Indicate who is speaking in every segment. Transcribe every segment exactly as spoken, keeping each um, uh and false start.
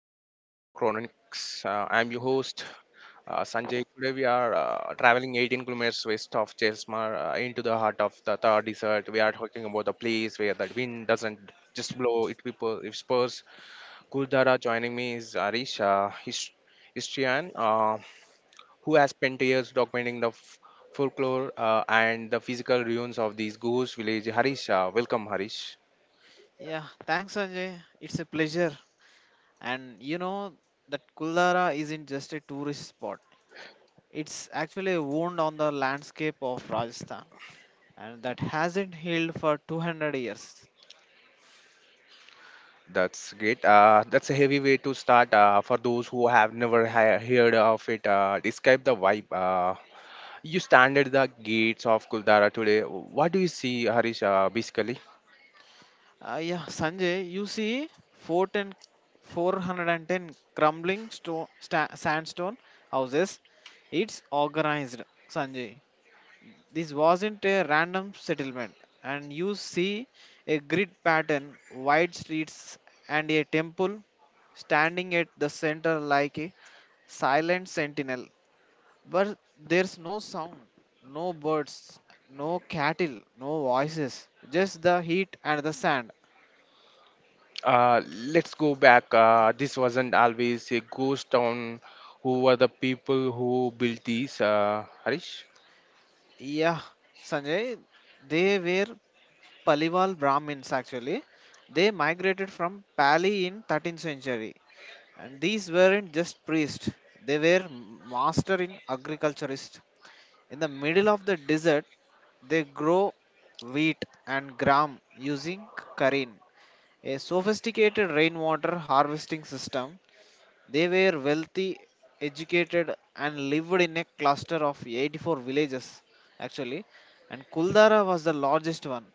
Speaker 1: Decent Chronicles. Uh, I'm your host, uh, Sanjay. Today we are uh, traveling eighteen kilometers west of Chelsmar uh, into the heart of the Thar Desert. We are talking about the place where the wind doesn't just blow; it people it spurs. Kuldara joining me is Arish, uh, his, historian, uh, who has spent years documenting the f- folklore uh, and the physical ruins of these ghost village. Harish, uh, welcome, Harish.
Speaker 2: Yeah, thanks, Sanjay. It's a pleasure. And you know that Kuldara isn't just a tourist spot, it's actually a wound on the landscape of Rajasthan and that hasn't healed for two hundred years.
Speaker 1: That's great. Uh, that's a heavy way to start. Uh, for those who have never ha- heard of it, uh, describe the vibe. Uh, you stand at the gates of Kuldara today. What do you see, Harish? Uh, basically,
Speaker 2: Uh, yeah, Sanjay, you see four ten, four hundred ten crumbling stone, sta- sandstone houses. It's organized, Sanjay. This wasn't a random settlement, and you see a grid pattern, wide streets, and a temple standing at the center like a silent sentinel. But there's no sound, no birds, no cattle, no voices, just the heat and the sand.
Speaker 1: uh, let's go back. Uh, this wasn't always a ghost town. Who were the people who built these, uh, Harish?
Speaker 2: Yeah, Sanjay, they were Paliwal Brahmins actually. They migrated from Pali in thirteenth century. And these weren't just priests, they were master in agriculturists. In the middle of the desert, they grow wheat and gram using karin, a sophisticated rainwater harvesting system. They were wealthy, educated, and lived in a cluster of eighty-four villages, actually. And Kuldara was the largest one.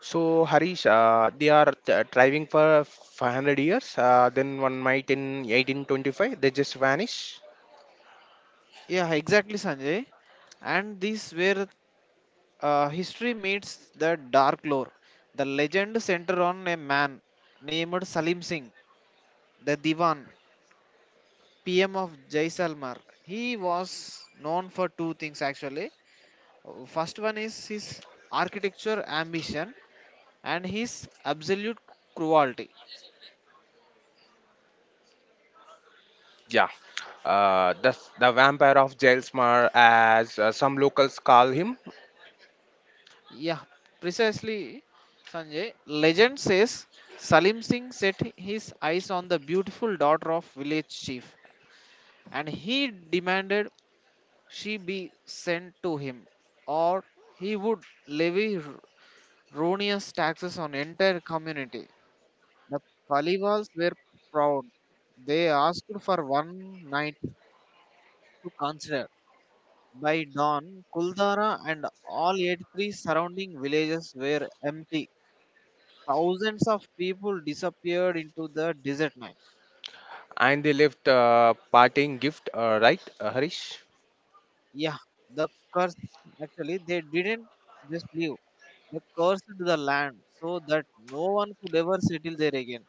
Speaker 1: So, Harish, uh, they are th- thriving for five hundred years. Uh, then one might in eighteen twenty-five, they just vanish.
Speaker 2: Yeah, exactly, Sanjay. And these were Uh, history meets the dark lore. The legend centers on a man named Salim Singh, the Diwan, P M of Jaisalmer. He was known for two things actually. Uh, First one is his architecture ambition and his absolute cruelty.
Speaker 1: Yeah. uh, the, the vampire of Gelsmar, as uh, some locals call him,
Speaker 2: Yeah, precisely, Sanjay. Legend says Salim Singh set his eyes on the beautiful daughter of village chief and he demanded she be sent to him, or he would levy r- ruinous taxes on entire community. The Palivals were proud. They asked for one night to consider. By dawn, Kuldara and all eighty-three surrounding villages were empty. Thousands of people disappeared into the desert night.
Speaker 1: and they left uh, parting gift, uh, right, uh, Harish?
Speaker 2: Yeah, the curse actually, they didn't just leave, they cursed the land so that no one could ever settle there again.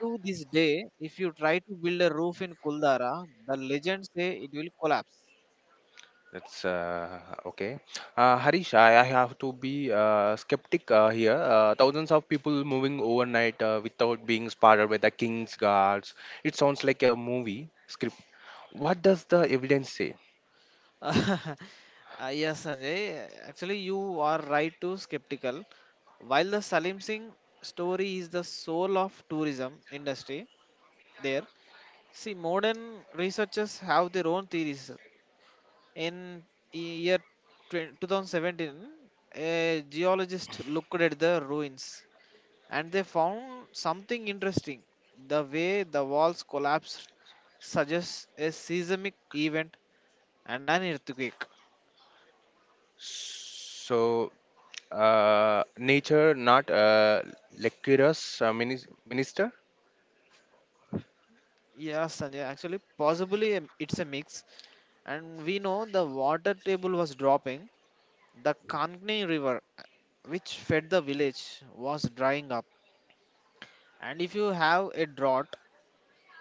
Speaker 2: To this day, if you try to build a roof in Kuldara, the legends say it will collapse.
Speaker 1: That's uh, okay. Uh, Harish, I, I have to be uh, skeptic uh, here. Uh, thousands of people moving overnight uh, without being spotted by the king's guards. It sounds like a movie script. What does the evidence say?
Speaker 2: Uh, yes, Sanjay. Actually, you are right to skeptical. While the Salim Singh story is the soul of tourism industry, there, see, modern researchers have their own theories. In e, year twenty- two thousand seventeen, a geologist looked at the ruins and they found something interesting. The way the walls collapsed suggests a seismic event and an earthquake.
Speaker 1: So, uh, nature, not uh, Lecurus, uh, minis- minister?
Speaker 2: Yeah, Sanjay, actually, possibly um, it's a mix. And we know the water table was dropping. The Kankni River, which fed the village, was drying up. And if you have a drought,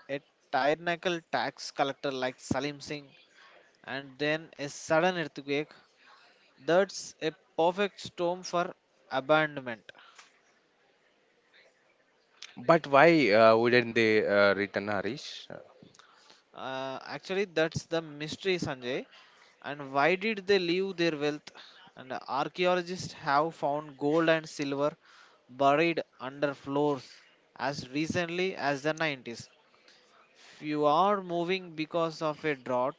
Speaker 2: a tyrannical tax collector like Salim Singh, and then a sudden earthquake, that's a perfect storm for abandonment.
Speaker 1: But why uh, wouldn't they uh, return, Harish? Uh,
Speaker 2: Uh, actually, that's the mystery, Sanjay. And why did they leave their wealth? And archaeologists have found gold and silver buried under floors as recently as the nineties. If you are moving because of a drought,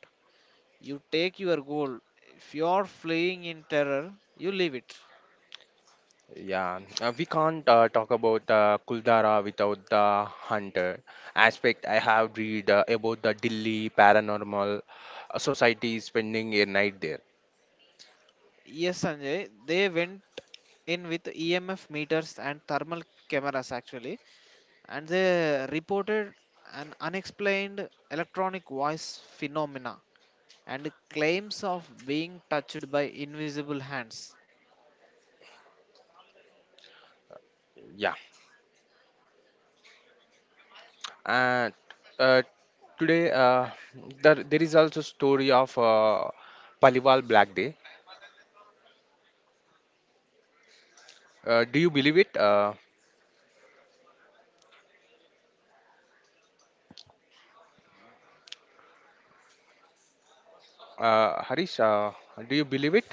Speaker 2: you take your gold. If you are fleeing in terror, you leave it.
Speaker 1: Yeah, uh, we can't uh, talk about uh, Kuldara without the hunter aspect. I have read uh, about the Delhi Paranormal uh, Society spending a night there.
Speaker 2: Yes, Sanjay, they went in with E M F meters and thermal cameras actually. And they reported an unexplained electronic voice phenomena and claims of being touched by invisible hands.
Speaker 1: Yeah, and uh, today uh, there, there is also story of uh, Paliwal Black Day. Uh, do you believe it, uh, uh, Harish? Uh, do you believe it?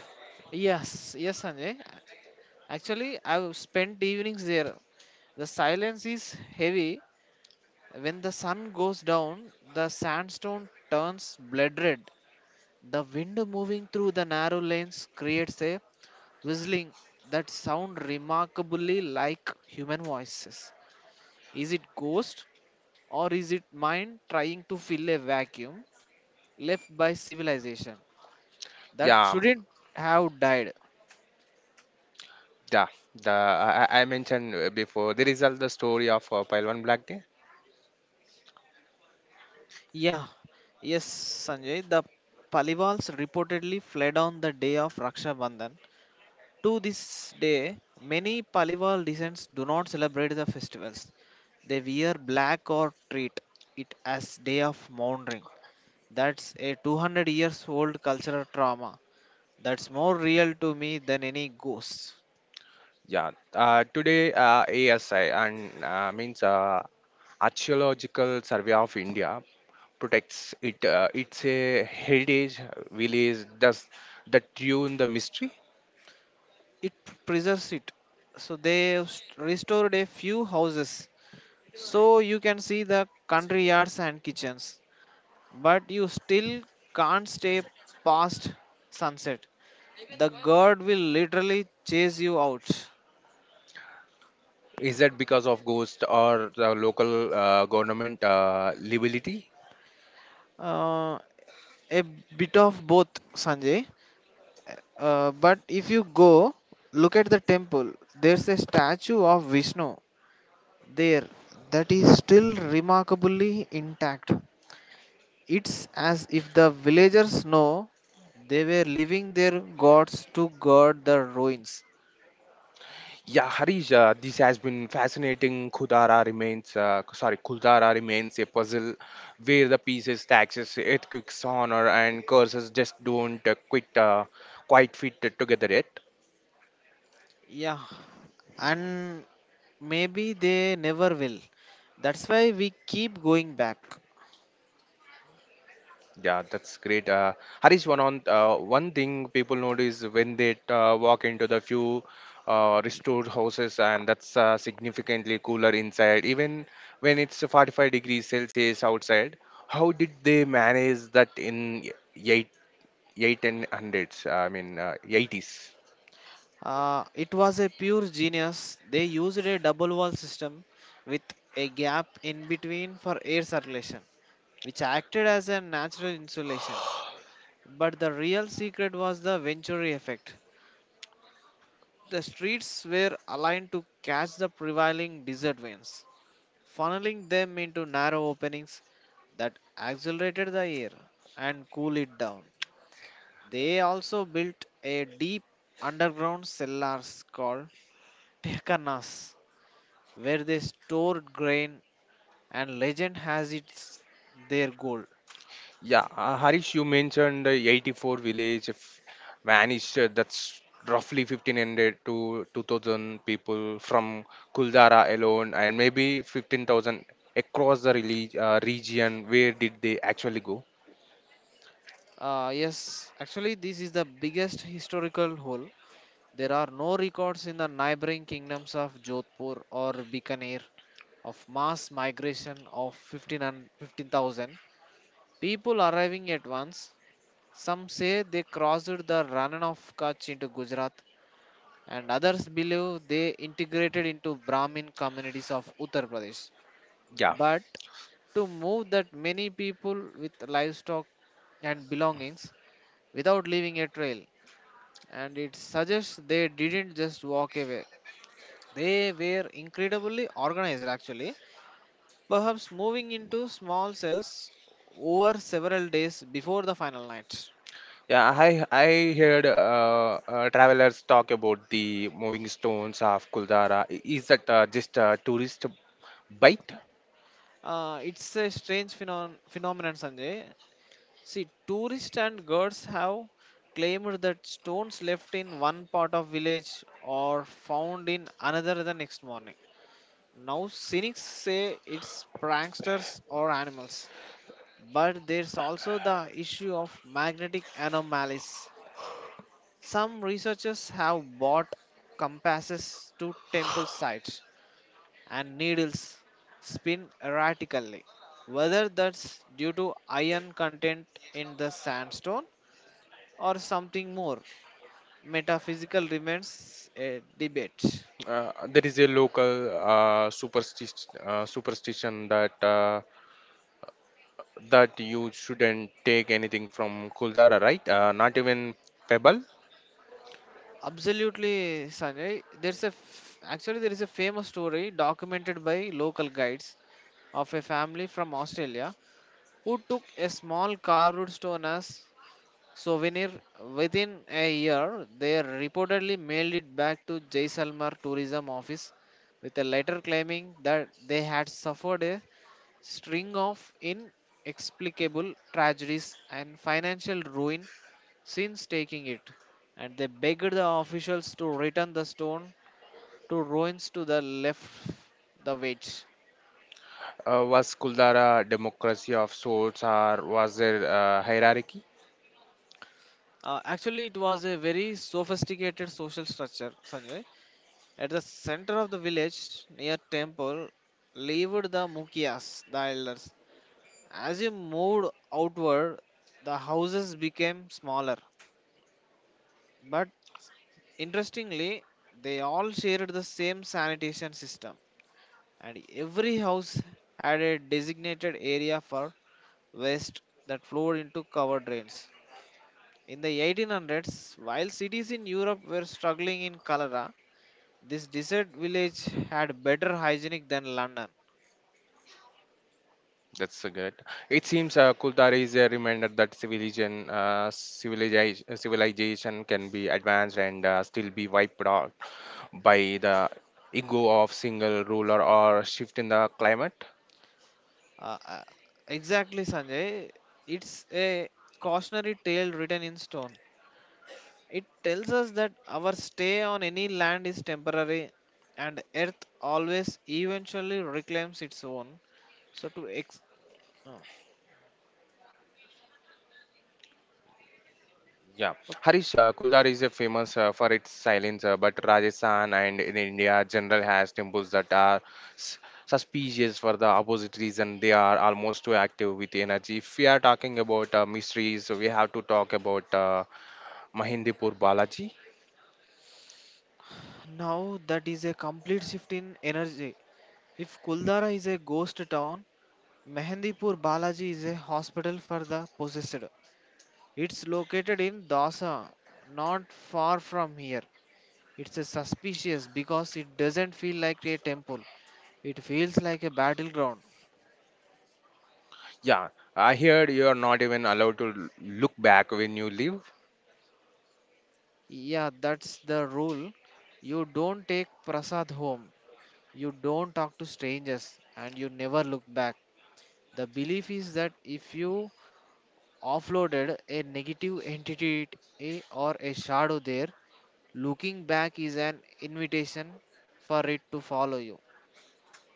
Speaker 2: Yes, yes, Sanjay. Actually, I've spent evenings there. The silence is heavy. When the sun goes down, the sandstone turns blood red. The wind moving through the narrow lanes creates a whistling that sound remarkably like human voices. Is it ghost? Or is it mind trying to fill a vacuum left by civilization that
Speaker 1: Yeah,
Speaker 2: shouldn't have died?
Speaker 1: yeah, the I, I I mentioned uh, before the result, the story of uh, Palwan Black Day.
Speaker 2: Yeah, yes, Sanjay. The Palivals reportedly fled on the day of Raksha Bandhan. To this day, many Palival descents do not celebrate the festivals. They wear black or treat it as day of mourning. That's a two hundred years old cultural trauma. That's more real to me than any ghost.
Speaker 1: Yeah, uh, today uh, A S I and uh, means uh, Archaeological Survey of India protects it. Uh, it's a heritage village. Does that tune the mystery?
Speaker 2: It preserves it, so they have st- restored a few houses, so you can see the country yards and kitchens, but you still can't stay past sunset. The guard will literally chase you out.
Speaker 1: Is that because of ghost or the local uh, government uh, liability?
Speaker 2: uh, a bit of both, Sanjay. Uh, but if you go look at the temple, there's a statue of Vishnu there that is still remarkably intact. It's as if the villagers know they were leaving their gods to guard the ruins.
Speaker 1: Yeah, Harish, uh, this has been fascinating. Khudara remains, uh, sorry, Kuldara remains a puzzle where the pieces, taxes, earthquakes, honor, and curses just don't uh, quite, uh, quite fit together yet.
Speaker 2: Yeah, and maybe they never will. That's why we keep going back.
Speaker 1: Yeah, that's great. Uh, Harish, one on uh, one thing people notice when they uh, walk into the few uh, restored houses, and that's uh, significantly cooler inside, even when it's forty-five degrees Celsius outside. How did they manage that in eight and hundreds. I mean uh, eighties.
Speaker 2: Uh, it was a pure genius. They used a double wall system with a gap in between for air circulation, which acted as a natural insulation. But the real secret was the Venturi effect. The streets were aligned to catch the prevailing desert winds, funneling them into narrow openings that accelerated the air and cooled it down. They also built a deep underground cellars called Tehkanas, where they stored grain and legend has it their gold.
Speaker 1: Yeah, uh, Harish, you mentioned uh, eighty-four village f- vanished. uh, That's roughly fifteen hundred to two thousand people from Kuldara alone, and maybe fifteen thousand across the relig- uh, region. Where did they actually go?
Speaker 2: Uh, yes, actually, this is the biggest historical hole. There are no records in the neighboring kingdoms of Jodhpur or Bikaner of mass migration of fifteen thousand fifteen thousand people arriving at once. Some say they crossed the Rana of Kutch into Gujarat, and others believe they integrated into Brahmin communities of Uttar Pradesh.
Speaker 1: Yeah,
Speaker 2: But to move that many people with livestock and belongings without leaving a trail, and it suggests they didn't just walk away. They were incredibly organized actually, perhaps moving into small cells over several days before the final night.
Speaker 1: yeah. I I heard uh, uh, travelers talk about the moving stones of Kuldara. I- Is that uh, just a tourist bite?
Speaker 2: Uh, it's a strange phenon- phenomenon, Sanjay. See, tourists and guards have claimed that stones left in one part of village are found in another the next morning. Now, cynics say it's pranksters or animals, but there's also the issue of magnetic anomalies. Some researchers have bought compasses to temple sites and needles spin erratically. Whether that's due to iron content in the sandstone or something more, metaphysical remains a debate.
Speaker 1: Uh, there is a local uh, superstition uh, superstition that uh, that you shouldn't take anything from Kuldara, right? Uh, not even pebble.
Speaker 2: Absolutely, Sanjay. There's a f- actually there is a famous story documented by local guides of a family from Australia who took a small carved stone as souvenir. Within a year, they reportedly mailed it back to Jaisalmer tourism office with a letter claiming that they had suffered a string of inexplicable tragedies and financial ruin since taking it, and they begged the officials to return the stone to ruins to the left the wedge.
Speaker 1: Uh, was Kuldara a democracy of sorts, or was there a hierarchy?
Speaker 2: Uh, actually it was a very sophisticated social structure, Sanjay. At the center of the village, near temple, lived the Mukias, the elders. As you moved outward, the houses became smaller. But interestingly, they all shared the same sanitation system, and every house had a designated area for waste that flowed into covered drains. In the eighteen hundreds, while cities in Europe were struggling in cholera, this desert village had better hygienic than London.
Speaker 1: That's a good. It seems uh, Kuldara is a reminder that civilization, uh, civilization, civilization can be advanced and uh, still be wiped out by the ego of single ruler or shift in the climate.
Speaker 2: Uh, uh, exactly, Sanjay. It's a cautionary tale written in stone. It tells us that our stay on any land is temporary and earth always eventually reclaims its own. So, to ex. uh,
Speaker 1: Yeah,
Speaker 2: ok-
Speaker 1: Harish, uh, Kuldar is uh, famous uh, for its silence, uh, but Rajasthan and in India general has temples that are s- suspicious for the opposite reason. They are almost too active with energy. If we are talking about uh, mysteries, we have to talk about uh, Mahindipur Balaji.
Speaker 2: Now, that is a complete shift in energy. If Kuldara is a ghost town, Mehendipur Balaji is a hospital for the possessed. It's located in Dasa, not far from here. It's a suspicious because it doesn't feel like a temple. It feels like a battleground.
Speaker 1: Yeah, I heard you are not even allowed to l- look back when you leave.
Speaker 2: Yeah, that's the rule. You don't take prasad home. You don't talk to strangers and you never look back. The belief is that if you offloaded a negative entity eh, or a shadow there, looking back is an invitation for it to follow you.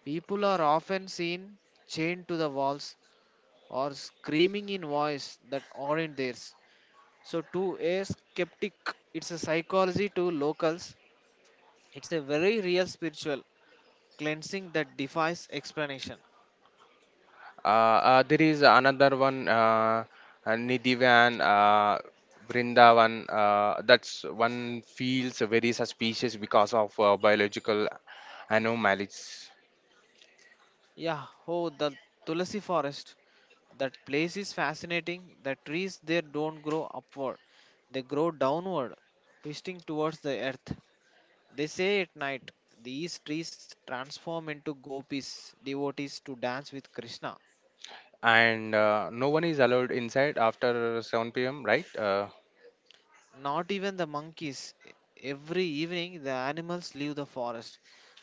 Speaker 2: People are often seen chained to the walls or screaming in voice that aren't theirs. So to a skeptic, it's a psychology to locals. It's a very real spiritual cleansing that defies explanation.
Speaker 1: Uh, uh, there is another one, uh, uh, Nidhivan, uh, Vrindavan. Uh, that's one feels very suspicious because of uh, biological anomalies,
Speaker 2: Yeah, oh the Tulasi forest. That place is fascinating. The trees there don't grow upward. They grow downward, twisting towards the earth. They say at night these trees transform into gopis, devotees to dance with Krishna.
Speaker 1: and uh, no one is allowed inside after seven p m. Right? Uh,
Speaker 2: Not even the monkeys. E- Every evening, the animals leave the forest.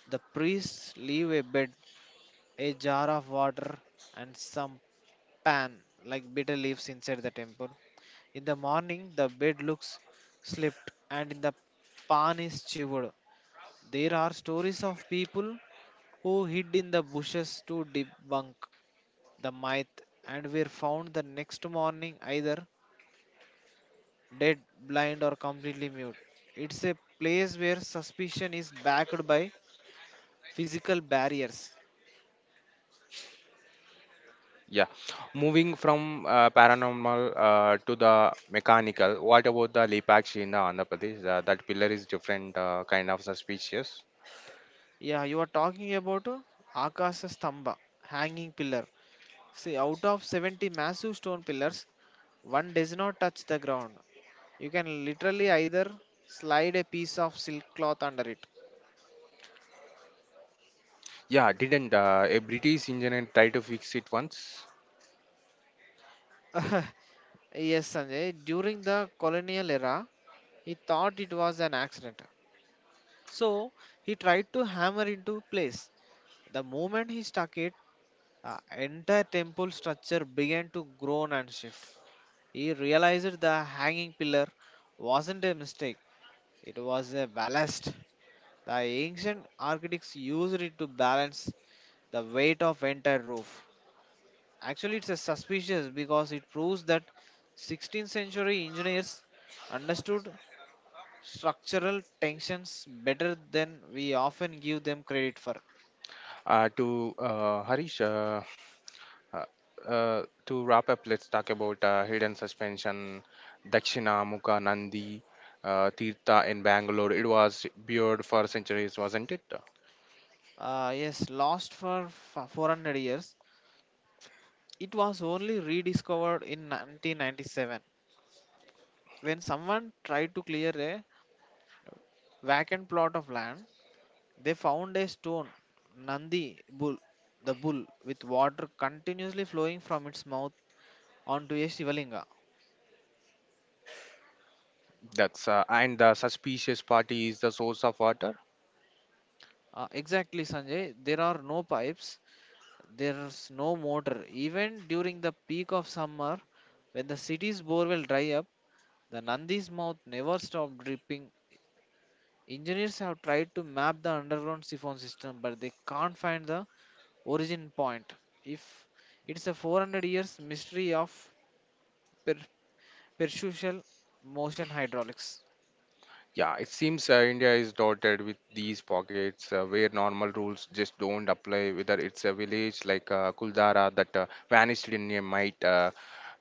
Speaker 2: The priests leave a bed, a jar of water, and some pan like bitter leaves inside the temple. In the morning, the bed looks slipped and in the pan is chewed. There are stories of people who hid in the bushes to debunk the myth and were found the next morning either dead, blind, or completely mute. It's a place where suspicion is backed by physical barriers.
Speaker 1: Yeah. Moving from uh, paranormal uh, to the mechanical. What about the Lepakshi in the Andhra Pradesh? Uh, that pillar is different, uh, kind of suspicious.
Speaker 2: Yeah, you are talking about uh, Akasha Stamba, hanging pillar. See, out of seventy massive stone pillars, one does not touch the ground. You can literally either slide a piece of silk cloth under it.
Speaker 1: Yeah, didn't uh, a British engineer try to fix it once?
Speaker 2: Yes, Sanjay, during the colonial era, he thought it was an accident. So he tried to hammer into place. The moment he stuck it, the entire temple structure began to groan and shift. He realized the hanging pillar wasn't a mistake, it was a ballast. The ancient architects used it to balance the weight of entire roof. Actually, it's a suspicious because it proves that sixteenth century engineers understood structural tensions better than we often give them credit for.
Speaker 1: Uh, to uh, Harish, uh, uh, uh, to wrap up, let's talk about uh, Hidden Suspension, Dakshina, Mukha, Nandi, uh, Tirtha in Bangalore. It was buried for centuries, wasn't it?
Speaker 2: Uh, yes, lost for f- four hundred years. It was only rediscovered in nineteen ninety-seven when someone tried to clear a vacant plot of land. They found a stone, Nandi bull, the bull, with water continuously flowing from its mouth onto a Shivalinga.
Speaker 1: That's uh, and the suspicious party is the source of water.
Speaker 2: Uh, exactly, Sanjay. There are no pipes, there's no motor. Even during the peak of summer, when the city's bore will dry up, the Nandi's mouth never stopped dripping. Engineers have tried to map the underground siphon system, but they can't find the origin point. If it's a four hundred years mystery of per- perpetual motion hydraulics.
Speaker 1: Yeah, it seems uh, India is dotted with these pockets uh, where normal rules just don't apply, whether it's a village like uh, Kuldara that uh, vanished in a might, uh,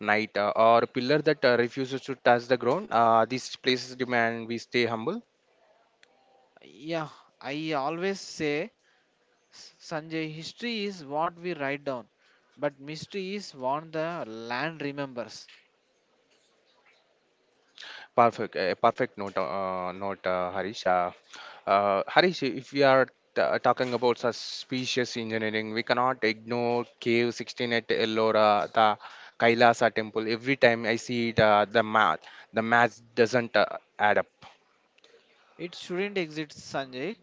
Speaker 1: night, uh, or a pillar that uh, refuses to touch the ground. Uh, these places demand we stay humble.
Speaker 2: Yeah, I always say, S- Sanjay, history is what we write down, but mystery is what the land remembers.
Speaker 1: Perfect, a perfect note, uh, note uh, Harish. Uh, Uh, Harish, if we are t- talking about suspicious engineering, we cannot ignore Cave sixteen at Ellora, the Kailasa temple. Every time I see it, uh, the math, the math doesn't uh, add up.
Speaker 2: It shouldn't exist, Sanjay.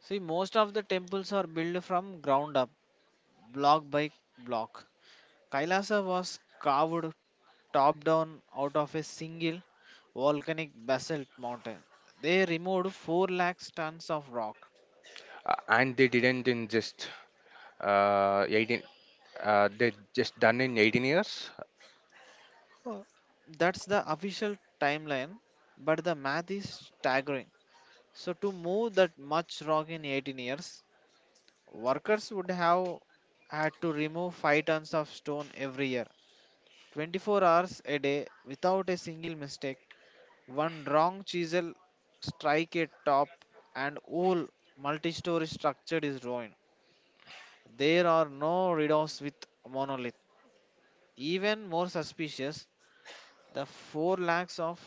Speaker 2: See, most of the temples are built from ground up, block by block. Kailasa was carved top down out of a single volcanic basalt mountain. They removed four lakh tons of rock.
Speaker 1: Uh, and they didn't in just uh, eighteen, uh, they just done in eighteen years.
Speaker 2: Oh, that's the official timeline, but the math is staggering. So, to move that much rock in eighteen years, workers would have had to remove five tons of stone every year, twenty-four hours a day without a single mistake. One wrong chisel strike a top, and whole multi story structure is ruined. There are no redos with monolith. Even more suspicious, the four lakhs of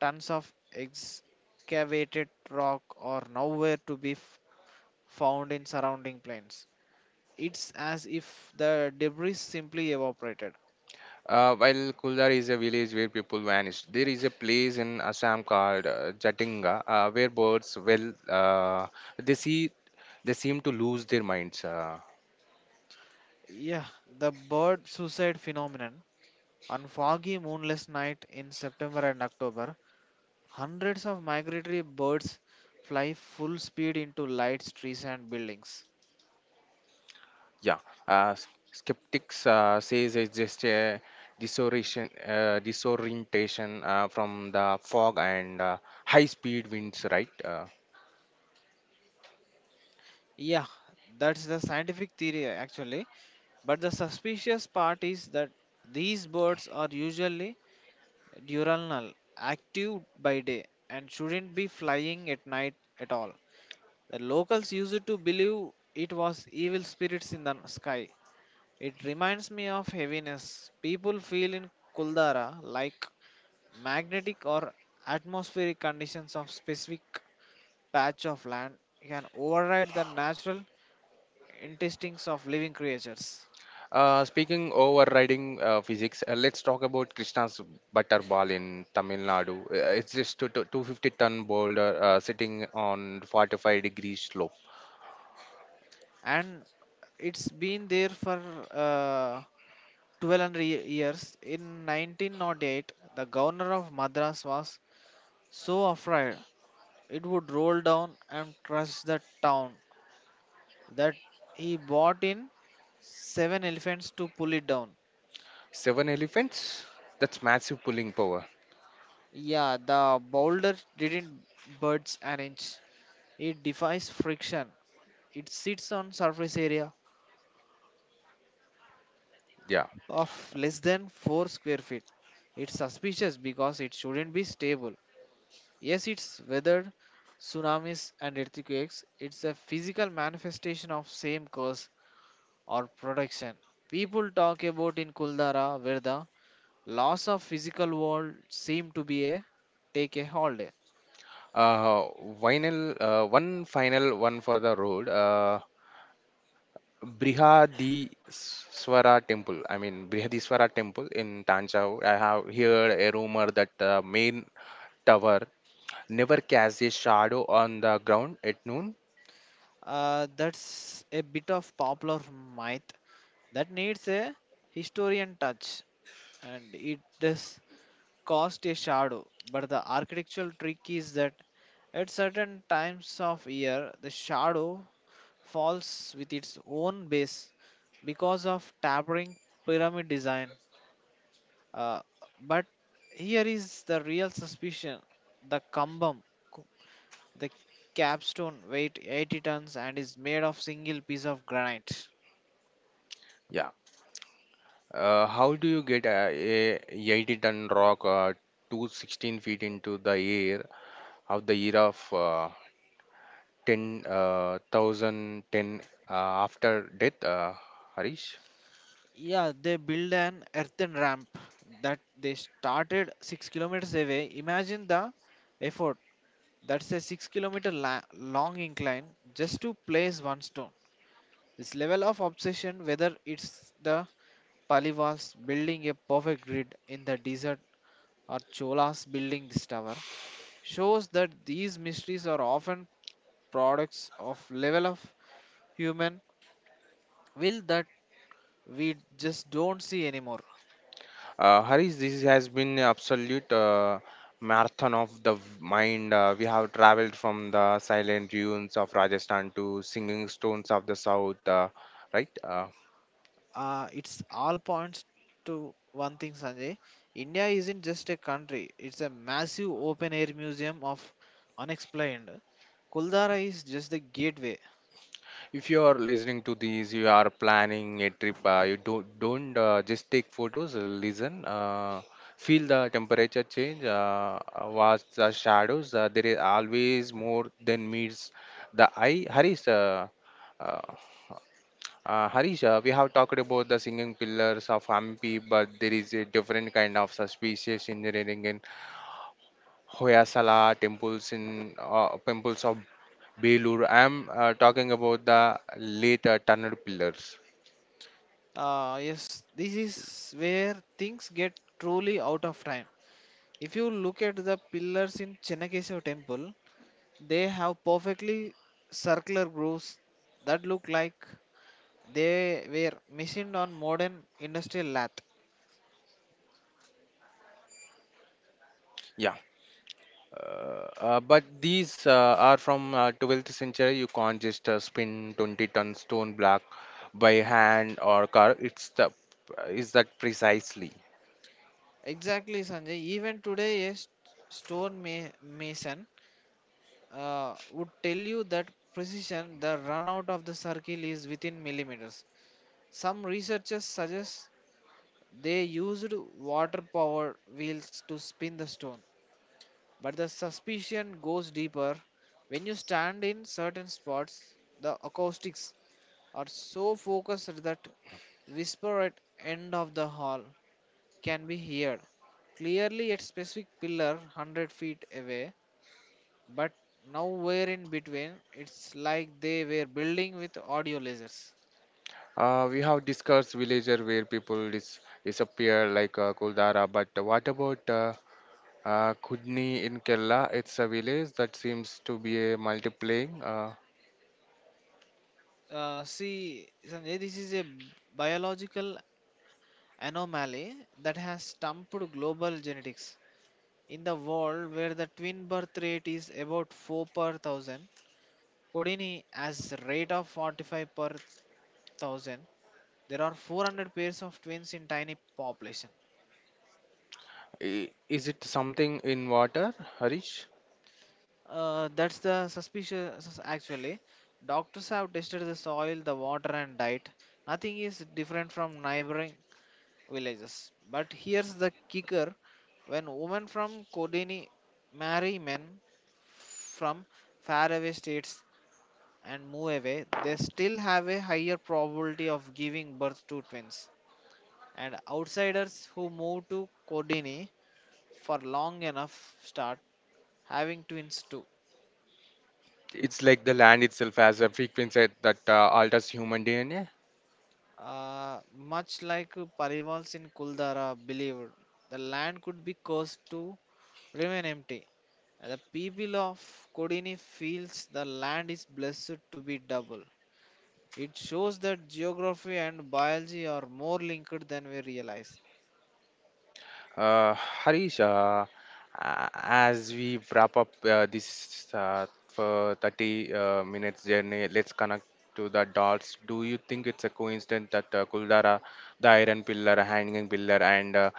Speaker 2: tons of excavated rock are nowhere to be f- found in surrounding plains. It's as if the debris simply evaporated.
Speaker 1: Uh, while Kuldar is a village where people vanish, there is a place in Assam called uh, Jatinga uh, where birds, well, uh, they see, they seem to lose their minds. Uh,
Speaker 2: Yeah, the bird suicide phenomenon. On foggy moonless night in September and October, hundreds of migratory birds fly full speed into lights, trees and buildings.
Speaker 1: Yeah, uh, s- skeptics uh, says it's just a disorientation, uh, disorientation uh, from the fog and uh, high-speed winds, right? Uh,
Speaker 2: Yeah, that's the scientific theory actually. But the suspicious part is that these birds are usually diurnal, active by day, and shouldn't be flying at night at all. The locals used to believe it was evil spirits in the sky. It reminds me of heaviness. People feel in Kuldara like magnetic or atmospheric conditions of specific patch of land can override the natural intestines of living creatures.
Speaker 1: uh, speaking overriding uh, physics, uh, let's talk about Krishna's butterball in Tamil Nadu. Uh, it's just a two hundred fifty-ton boulder uh, sitting on forty-five degree slope.
Speaker 2: And it's been there for uh, twelve hundred ye- years. In nineteen oh eight, the governor of Madras was so afraid it would roll down and crush the town that he brought in seven elephants to pull it down.
Speaker 1: Seven elephants? That's massive pulling power.
Speaker 2: Yeah, the boulder didn't budge an inch. It defies friction. It sits on surface area
Speaker 1: Yeah.
Speaker 2: of less than four square feet. It's suspicious because it shouldn't be stable. Yes, it's weathered tsunamis and earthquakes. It's a physical manifestation of same cause or production. People talk about in Kuldara where the loss of physical world seem to be a take a holiday.
Speaker 1: Uh, vinyl, uh, One final one for the road. Uh, Brihadiswara temple. I mean Brihadiswara temple in Tanjore. I have heard a rumor that the main tower never casts a shadow on the ground at noon.
Speaker 2: Uh, that's a bit of popular myth that needs a historian touch, and it does cast a shadow. But the architectural trick is that at certain times of year, the shadow falls with its own base because of tapering pyramid design. Uh, but here is the real suspicion: the kambam, the capstone, weight eighty tons and is made of single piece of granite.
Speaker 1: Yeah. Uh, how do you get uh, a eighty ton rock uh, to sixteen feet into the air of the year of uh, ten uh, one thousand ten, uh, after death, uh, Harish?
Speaker 2: Yeah, they build an earthen ramp that they started six kilometers away. Imagine the effort. That's a six kilometer la- long incline just to place one stone. This level of obsession, whether it's the Palivas building a perfect grid in the desert or Cholas building this tower, shows that these mysteries are often products of level of human will that we just don't see anymore.
Speaker 1: Uh, Harish, this has been absolute uh, marathon of the v- mind. Uh, we have traveled from the silent dunes of Rajasthan to singing stones of the south, uh, right? Uh,
Speaker 2: Uh, it's all points to one thing, Sanjay. India isn't just a country, it's a massive open air museum of unexplained. Kuldara is just the gateway.
Speaker 1: if you are listening to these, you are planning a trip. Uh, you don't don't uh, just take photos. uh, Listen, uh, feel the temperature change, uh, uh, watch the shadows. Uh, there is always more than meets the eye. Harish. Uh, uh, Uh, Harish, uh, we have talked about the singing pillars of Hampi, but there is a different kind of suspicious engineering in Hoyasala temples in uh, temples of Belur. I'm uh, talking about the late uh, tunnel pillars.
Speaker 2: Uh, yes, this is where things get truly out of time. If you look at the pillars in Chennakeshav temple, they have perfectly circular grooves that look like they were machined on modern industrial lathe.
Speaker 1: Yeah, uh, uh, but these uh, are from uh, twelfth century. You can't just uh, spin twenty ton stone block by hand or car. It's the is that precisely?
Speaker 2: Exactly, Sanjay. Even today, a st- stone ma- mason uh, would tell you that precision, the run out of the circle is within millimeters. Some researchers suggest they used water powered wheels to spin the stone. But the suspicion goes deeper. When you stand in certain spots, the acoustics are so focused that whisper at end of the hall can be heard clearly at specific pillar one hundred feet away, but nowhere in between. It's like they were building with audio lasers.
Speaker 1: Uh, we have discussed villager where people dis- disappear like uh, Kuldara, but what about uh, uh, Kudni in Kerala? It's a village that seems to be a multiplying. Uh,
Speaker 2: Uh, see Sanjay, this is a biological anomaly that has stumped global genetics. In the world where the twin birth rate is about four per thousand, codini has rate of forty-five per thousand. There are four hundred pairs of twins in tiny population.
Speaker 1: i- is it something in water, Harish?
Speaker 2: Uh, that's the suspicious sus- actually. Doctors have tested the soil, the water, and diet. Nothing is different from neighboring villages. But here's the kicker: when women from Kodini marry men from faraway states and move away, they still have a higher probability of giving birth to twins. And outsiders who move to Kodini for long enough start having twins too.
Speaker 1: It's like the land itself has a frequency that uh, alters human D N A.
Speaker 2: Uh, much like Parivals in Kuldara believed, the land could be cursed to remain empty. The people of Kodini feels the land is blessed to be double. It shows that geography and biology are more linked than we realize.
Speaker 1: Uh, Harish, uh, a- as we wrap up uh, this uh, for thirty uh, minutes journey, let's connect to the dots. Do you think it's a coincidence that uh, Kuldara, the Iron Pillar, Hanging Pillar, and uh,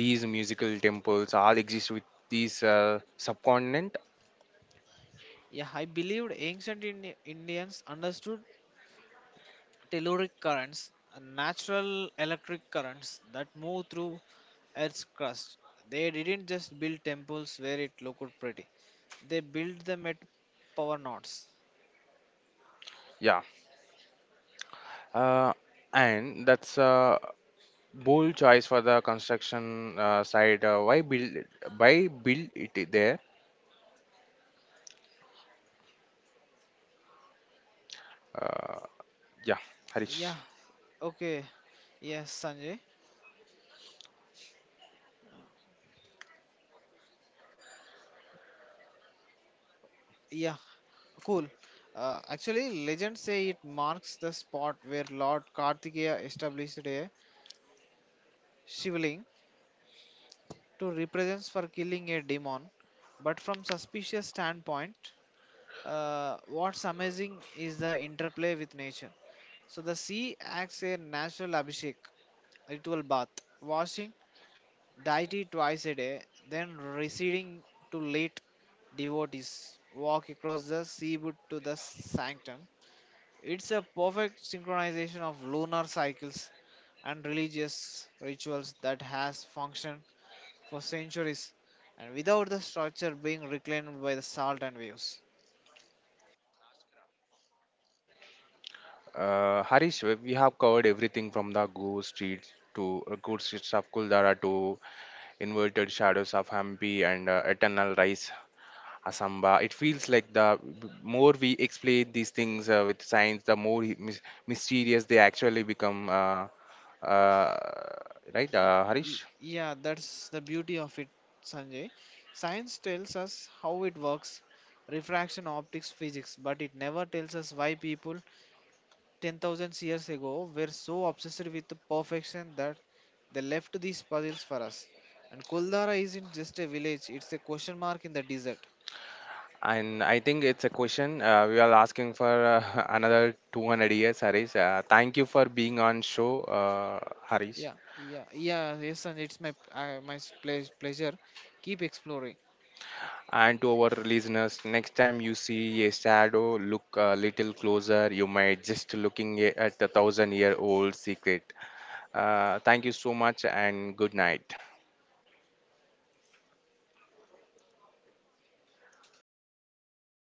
Speaker 1: these musical temples all exist with this uh, subcontinent?
Speaker 2: Yeah, I believed ancient Indi- Indians understood telluric currents are natural electric currents that move through Earth's crust. They didn't just build temples where it looked pretty. They built them at power nodes.
Speaker 1: Yeah, uh, and that's a bold choice for the construction uh, side. Uh, why build? Why build it there? Uh, yeah, Harish.
Speaker 2: Yeah, okay. Yes, Sanjay. Yeah, cool. Uh, actually, legends say it marks the spot where Lord Kartikeya established a shivling to represents for killing a demon. But from suspicious standpoint, Uh, what's amazing is the interplay with nature. So the sea acts a natural abhishek, ritual bath, washing deity twice a day, then receding to late devotees walk across the seaboard to the sanctum. It's a perfect synchronization of lunar cycles and religious rituals that has functioned for centuries and without the structure being reclaimed by the salt and waves.
Speaker 1: Uh, Harish, we we have covered everything from the ghost streets to uh, ghost streets of Kuldara to inverted shadows of Hampi and uh, eternal rise Asamba. It feels like the b- more we explain these things uh, with science, the more he- mys- mysterious they actually become. Uh, uh, right, uh, Harish?
Speaker 2: Y- Yeah, that's the beauty of it, Sanjay. Science tells us how it works, refraction, optics, physics, but it never tells us why people ten thousand years ago were so obsessed with the perfection that they left these puzzles for us. And Kuldara isn't just a village, it's a question mark in the desert.
Speaker 1: And I think it's a question uh, we are asking for uh, another two hundred years, Harish. Uh, thank you for being on show, uh, Harish.
Speaker 2: Yeah, yeah, yeah, yes, and it's my, uh, my s- ple- pleasure. Keep exploring.
Speaker 1: And to our listeners, next time you see a shadow, look a little closer. You might just looking a- at the thousand year old secret. Uh, thank you so much and good night.